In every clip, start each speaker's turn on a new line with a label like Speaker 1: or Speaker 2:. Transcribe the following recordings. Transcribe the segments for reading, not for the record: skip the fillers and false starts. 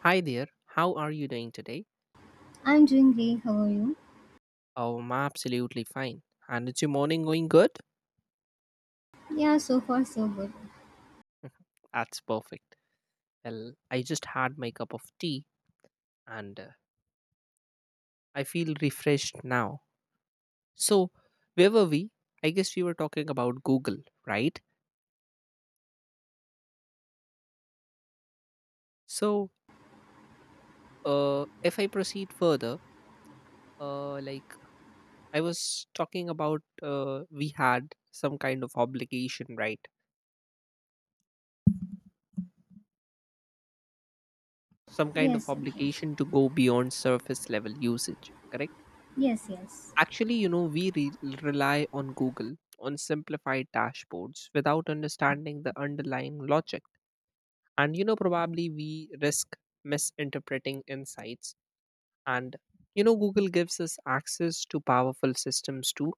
Speaker 1: Hi there, how are you doing today?
Speaker 2: I'm doing great. How are you?
Speaker 1: Oh, I'm absolutely fine. And is your morning going good?
Speaker 2: Yeah, so far so good.
Speaker 1: That's perfect. Well, I just had my cup of tea and I feel refreshed now. So, where were we? I guess we were talking about Google, right? So, if I proceed further, like I was talking about, we had some kind of obligation, right? Some kind of
Speaker 2: Yes, of course.
Speaker 1: obligation to go beyond surface level usage, correct?
Speaker 2: Yes, yes.
Speaker 1: Actually, you know, rely on Google on simplified dashboards without understanding the underlying logic. And, you know, probably we risk misinterpreting insights. And, you know, Google gives us access to powerful systems too,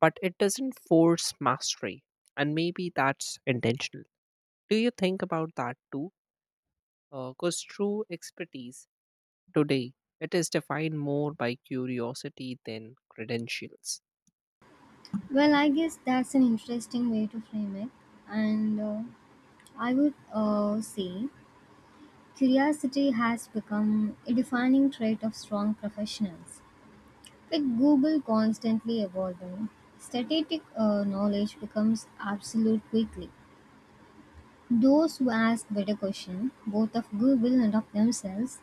Speaker 1: but it doesn't force mastery. And maybe that's intentional. Do you think about that too? Because true expertise today, it is defined more by curiosity than credentials.
Speaker 2: Well, I guess that's an interesting way to frame it. And I would say curiosity has become a defining trait of strong professionals. With Google constantly evolving, static knowledge becomes absolute quickly. Those who ask better questions, both of Google and of themselves,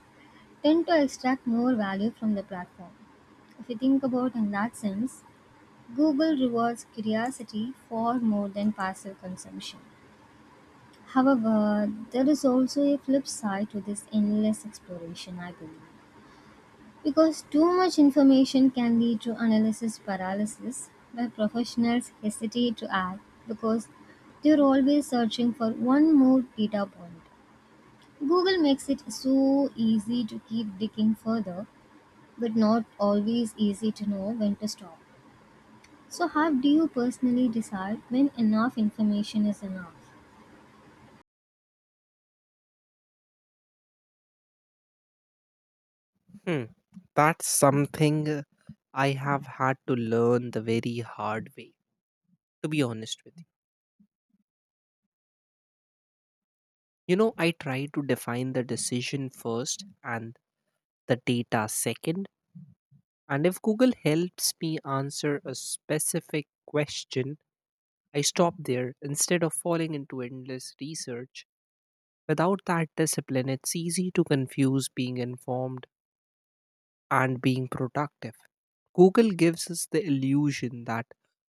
Speaker 2: tend to extract more value from the platform. If you think about in that sense, Google rewards curiosity far more than passive consumption. However, there is also a flip side to this endless exploration, I believe. Because too much information can lead to analysis paralysis, where professionals hesitate to act because they're always searching for one more data point. Google makes it so easy to keep digging further but not always easy to know when to stop. So, how do you personally decide when enough information is enough?
Speaker 1: Hmm. That's something I have had to learn the very hard way, to be honest with you. You know, I try to define the decision first and the data second. And if Google helps me answer a specific question, I stop there instead of falling into endless research. Without that discipline, it's easy to confuse being informed and being productive. Google gives us the illusion that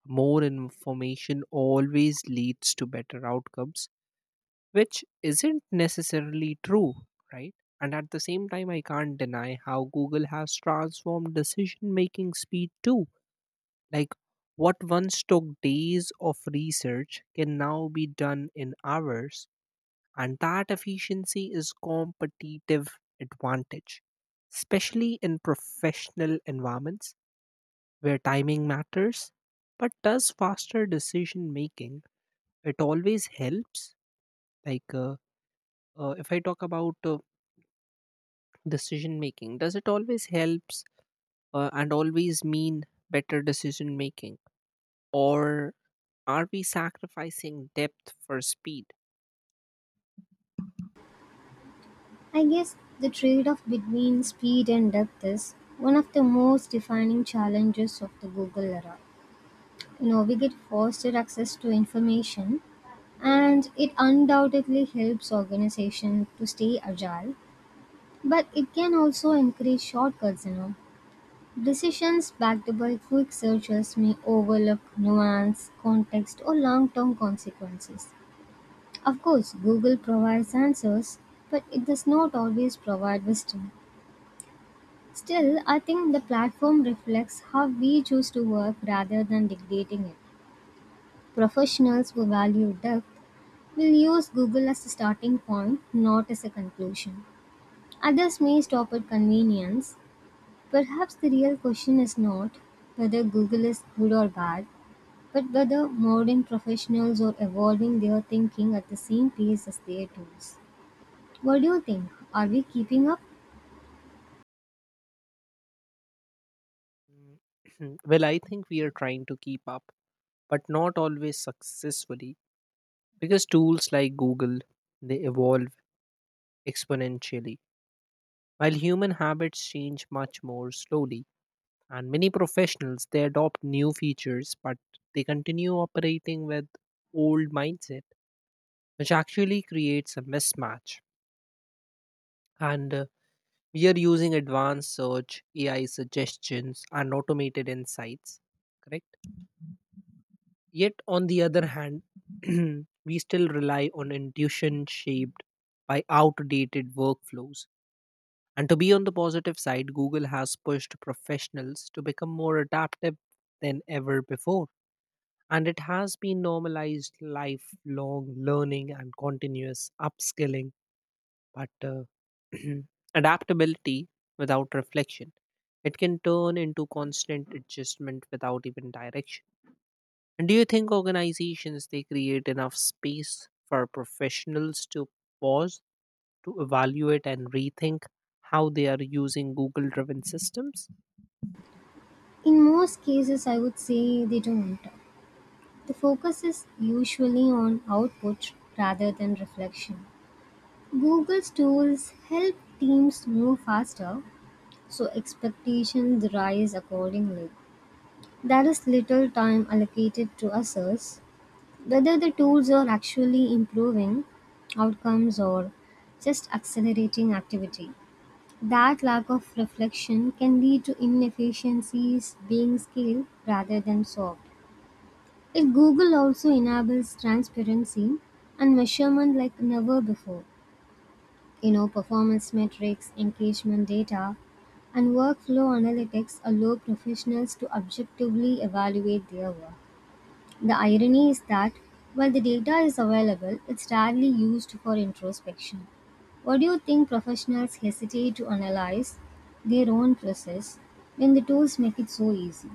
Speaker 1: more information always leads to better outcomes, which isn't necessarily true, right? And at the same time, I can't deny how Google has transformed decision making speed too. Like what once took days of research can now be done in hours, and that efficiency is competitive advantage, especially in professional environments where timing matters. But does faster decision making, it always helps, like uh, if I talk about, decision making, does it always helps and always mean better decision making, or are we sacrificing depth for speed?
Speaker 2: I guess the trade off between speed and depth is one of the most defining challenges of the Google era. We get faster access to information, and it undoubtedly helps organizations to stay agile, but it can also encourage shortcuts. You know, Decisions backed by quick searches may overlook nuance, context, or long-term consequences. Of course, Google provides answers, but it does not always provide wisdom. Still, I think the platform reflects how we choose to work rather than dictating it. Professionals who value depth will use Google as a starting point, not as a conclusion. Others may stop at convenience. Perhaps the real question is not whether Google is good or bad, but whether modern professionals are evolving their thinking at the same pace as their tools. What do you think? Are we keeping up?
Speaker 1: Mm, well, I think we are trying to keep up but not always successfully, because tools like Google, they evolve exponentially while human habits change much more slowly. And many professionals, they adopt new features, but they continue operating with old mindset, which actually creates a mismatch. And we are using advanced search AI suggestions and automated insights, correct, yet on the other hand, we still rely on intuition shaped by outdated workflows. And to be on the positive side, Google has pushed professionals to become more adaptive than ever before. And it has been normalized lifelong learning and continuous upskilling. But adaptability without reflection, it can turn into constant adjustment without even direction. And do you think organizations, they create enough space for professionals to pause, to evaluate and rethink how they are using Google driven systems?
Speaker 2: In most cases, I would say they don't. The focus is usually on output rather than reflection. Google's tools help teams move faster, so expectations rise accordingly. There is little time allocated to others whether the tools are actually improving outcomes or just accelerating activity. That lack of reflection can lead to inefficiencies being scaled rather than solved. If Google also enables transparency and measurement like never before, performance metrics, engagement data, and workflow analytics allow professionals to objectively evaluate their work. The irony is that while the data is available, it's rarely used for introspection. What do you think professionals hesitate to analyze their own process when the tools make it so easy?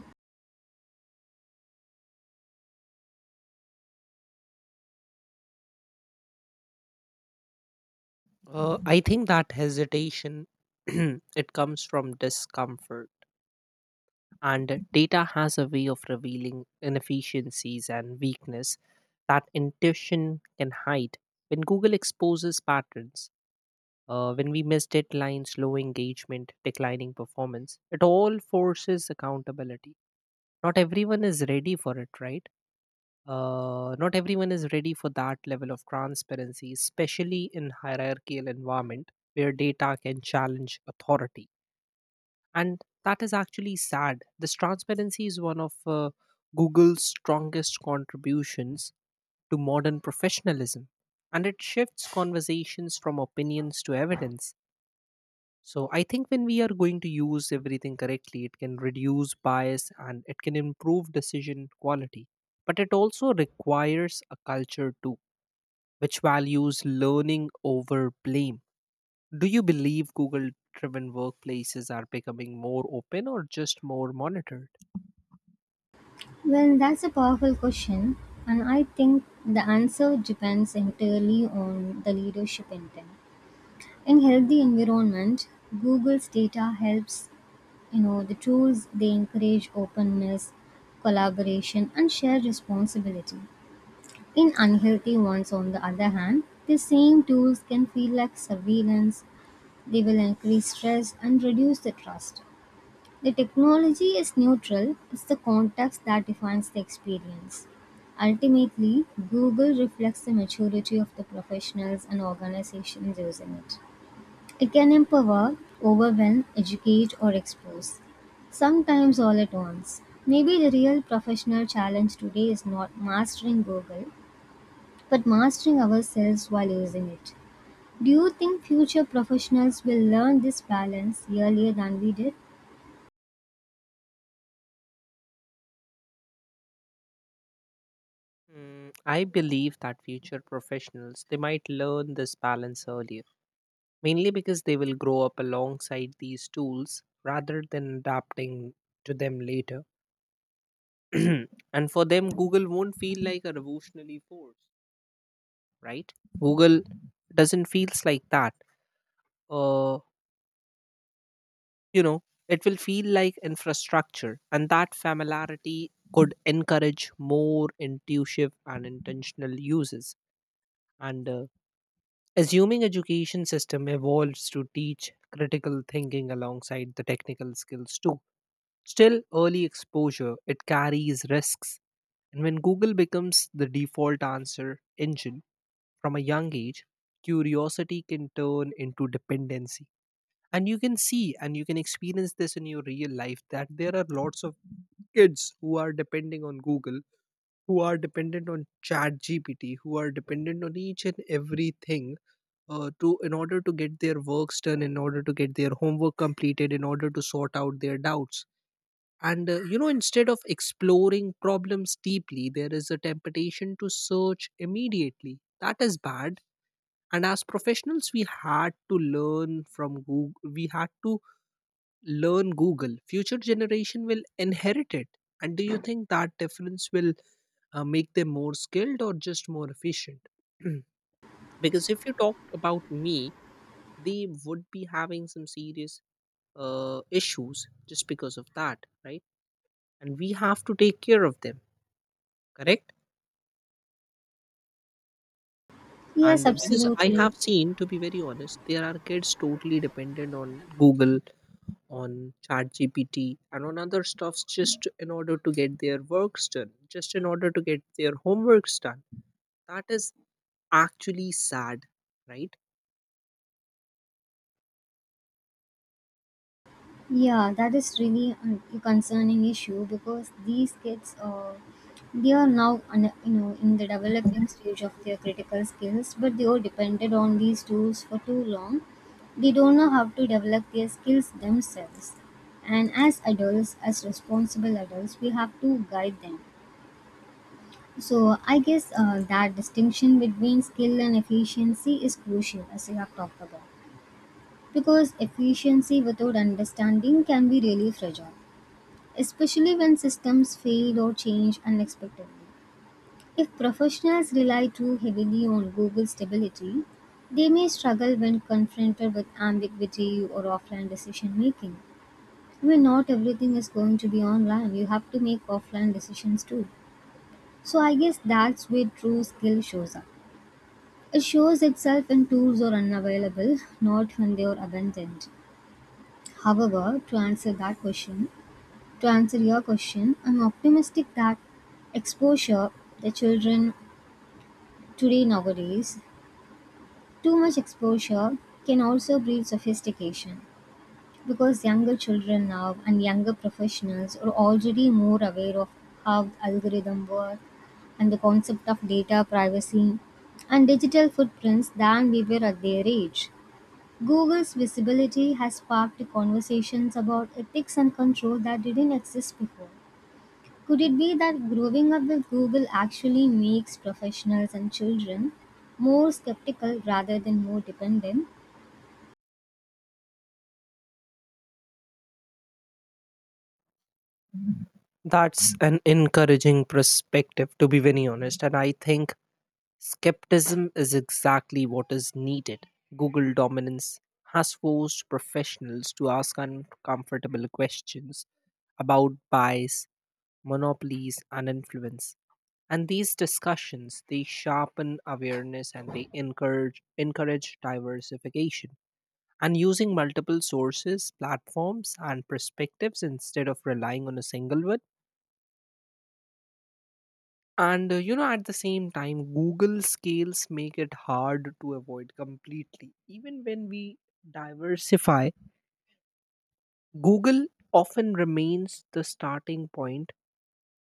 Speaker 1: I think that hesitation it comes from discomfort, and data has a way of revealing inefficiencies and weakness that intuition can hide. When Google exposes patterns, when we miss deadlines, low engagement, declining performance, it all forces accountability. Not everyone is ready for it, right. Not everyone is ready for that level of transparency, especially in hierarchical environment where data can challenge authority. And that is actually sad. This transparency is one of Google's strongest contributions to modern professionalism, and it shifts conversations from opinions to evidence. So I think when we are going to use everything correctly, it can reduce bias and it can improve decision quality. But it also requires a culture too, which values learning over blame. Do you believe Google driven workplaces are becoming more open or just more monitored?
Speaker 2: Well, that's a powerful question, and I think the answer depends entirely on the leadership intent. In healthy environment, Google's data helps. The tools they encourage openness, collaboration, and shared responsibility. In unhealthy ones, on the other hand, the same tools can feel like surveillance, they will increase stress and reduce the trust. The technology is neutral, it's the context that defines the experience. Ultimately, Google reflects the maturity of the professionals and organizations using it. It can empower, overwhelm, educate, or expose. Sometimes all at once. Maybe the real professional challenge today is not mastering Google, but mastering ourselves while using it. Do you think future professionals will learn this balance earlier than we did?
Speaker 1: Mm, I believe that future professionals, they might learn this balance earlier, mainly because they will grow up alongside these tools rather than adapting to them later. And for them, Google won't feel like a revolutionary force, right? Google doesn't feels like that. uh you know, it will feel like infrastructure, and that familiarity could encourage more intuitive and intentional uses. And assuming education system evolves to teach critical thinking alongside the technical skills too, still early exposure, it carries risks. And when Google becomes the default answer engine from a young age, curiosity can turn into dependency. And you can see and you can experience this in your real life that there are lots of kids who are depending on Google, who are dependent on Chat GPT, who are dependent on each and everything, to in order to get their works done, in order to get their homework completed, in order to sort out their doubts. And you know, instead of exploring problems deeply, there is a temptation to search immediately. That is bad. And as professionals, we had to learn from Google. We had to learn Google. Future generation will inherit it. And do you think that difference will, make them more skilled or just more efficient? Because if you talk about me, they would be having some serious issues just because of that, right? And we have to take care of them, correct. And
Speaker 2: Yes,
Speaker 1: because I
Speaker 2: absolutely.
Speaker 1: have seen, to be very honest, there are kids totally dependent on Google, on ChatGPT and on other stuffs, just in order to get their works done, just in order to get their homeworks done. That is actually sad, right?
Speaker 2: Yeah, that is really a concerning issue because these kids they are now in the developing stage of their critical skills, but they are dependent on these tools for too long. They don't know how to develop their skills themselves. And as adults, as responsible adults, we have to guide them. So I guess that distinction between skill and efficiency is crucial, as you have talked about, because efficiency without understanding can be really fragile, especially when systems fail or change unexpectedly. If professionals rely too heavily on Google stability, they may struggle when confronted with ambiguity or offline decision making. I mean, not everything is going to be online. You have to make offline decisions too. So I guess that's where true skill shows up. It shows itself when tools are unavailable, not when they are abandoned. However, to answer that question, to answer your question, I'm optimistic that exposure, the children today nowadays, too much exposure can also breed sophistication because younger children now and younger professionals are already more aware of how the algorithm work and the concept of data privacy and digital footprints than we were at their age. Google's visibility has sparked conversations about ethics and control that didn't exist before. Could it be that growing up with Google actually makes professionals and children more skeptical rather than more dependent?
Speaker 1: That's an encouraging perspective, to be very honest. And I think skepticism is exactly what is needed. Google dominance has forced professionals to ask uncomfortable questions about bias, monopolies, and influence. And these discussions, they sharpen awareness and they encourage diversification and using multiple sources, platforms, and perspectives instead of relying on a single one. And you know, at the same time, Google scales make it hard to avoid completely. Even when we diversify, Google often remains the starting point,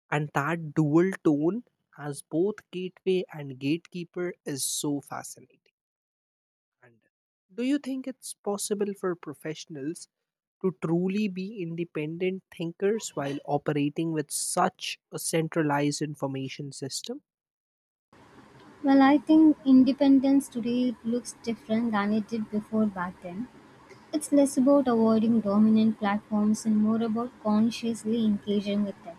Speaker 1: and that dual tone as both gateway and gatekeeper is so fascinating. And do you think it's possible for professionals to truly be independent thinkers while operating with such a centralized information system?
Speaker 2: Well, I think independence today looks different than it did before back then. It's less about avoiding dominant platforms and more about consciously engaging with them.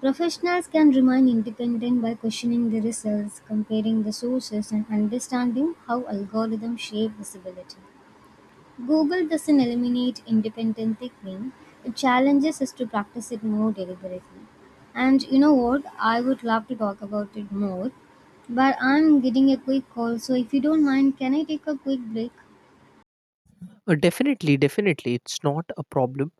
Speaker 2: Professionals can remain independent by questioning the results, comparing the sources, and understanding how algorithms shape visibility. Google doesn't eliminate independent thinking, it challenges us to practice it more deliberately. And you know what? I would love to talk about it more, but I'm getting a quick call, so if you don't mind, can I take a quick break?
Speaker 1: Definitely, definitely. It's not a problem.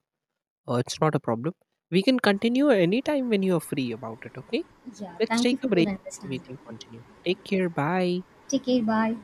Speaker 1: It's not a problem. We can continue anytime when you're free about it, okay?
Speaker 2: Yeah,
Speaker 1: Let's
Speaker 2: thank
Speaker 1: take
Speaker 2: you
Speaker 1: a
Speaker 2: for
Speaker 1: break
Speaker 2: your
Speaker 1: and we
Speaker 2: understanding.
Speaker 1: can continue. Take care. Bye.
Speaker 2: Take care, bye.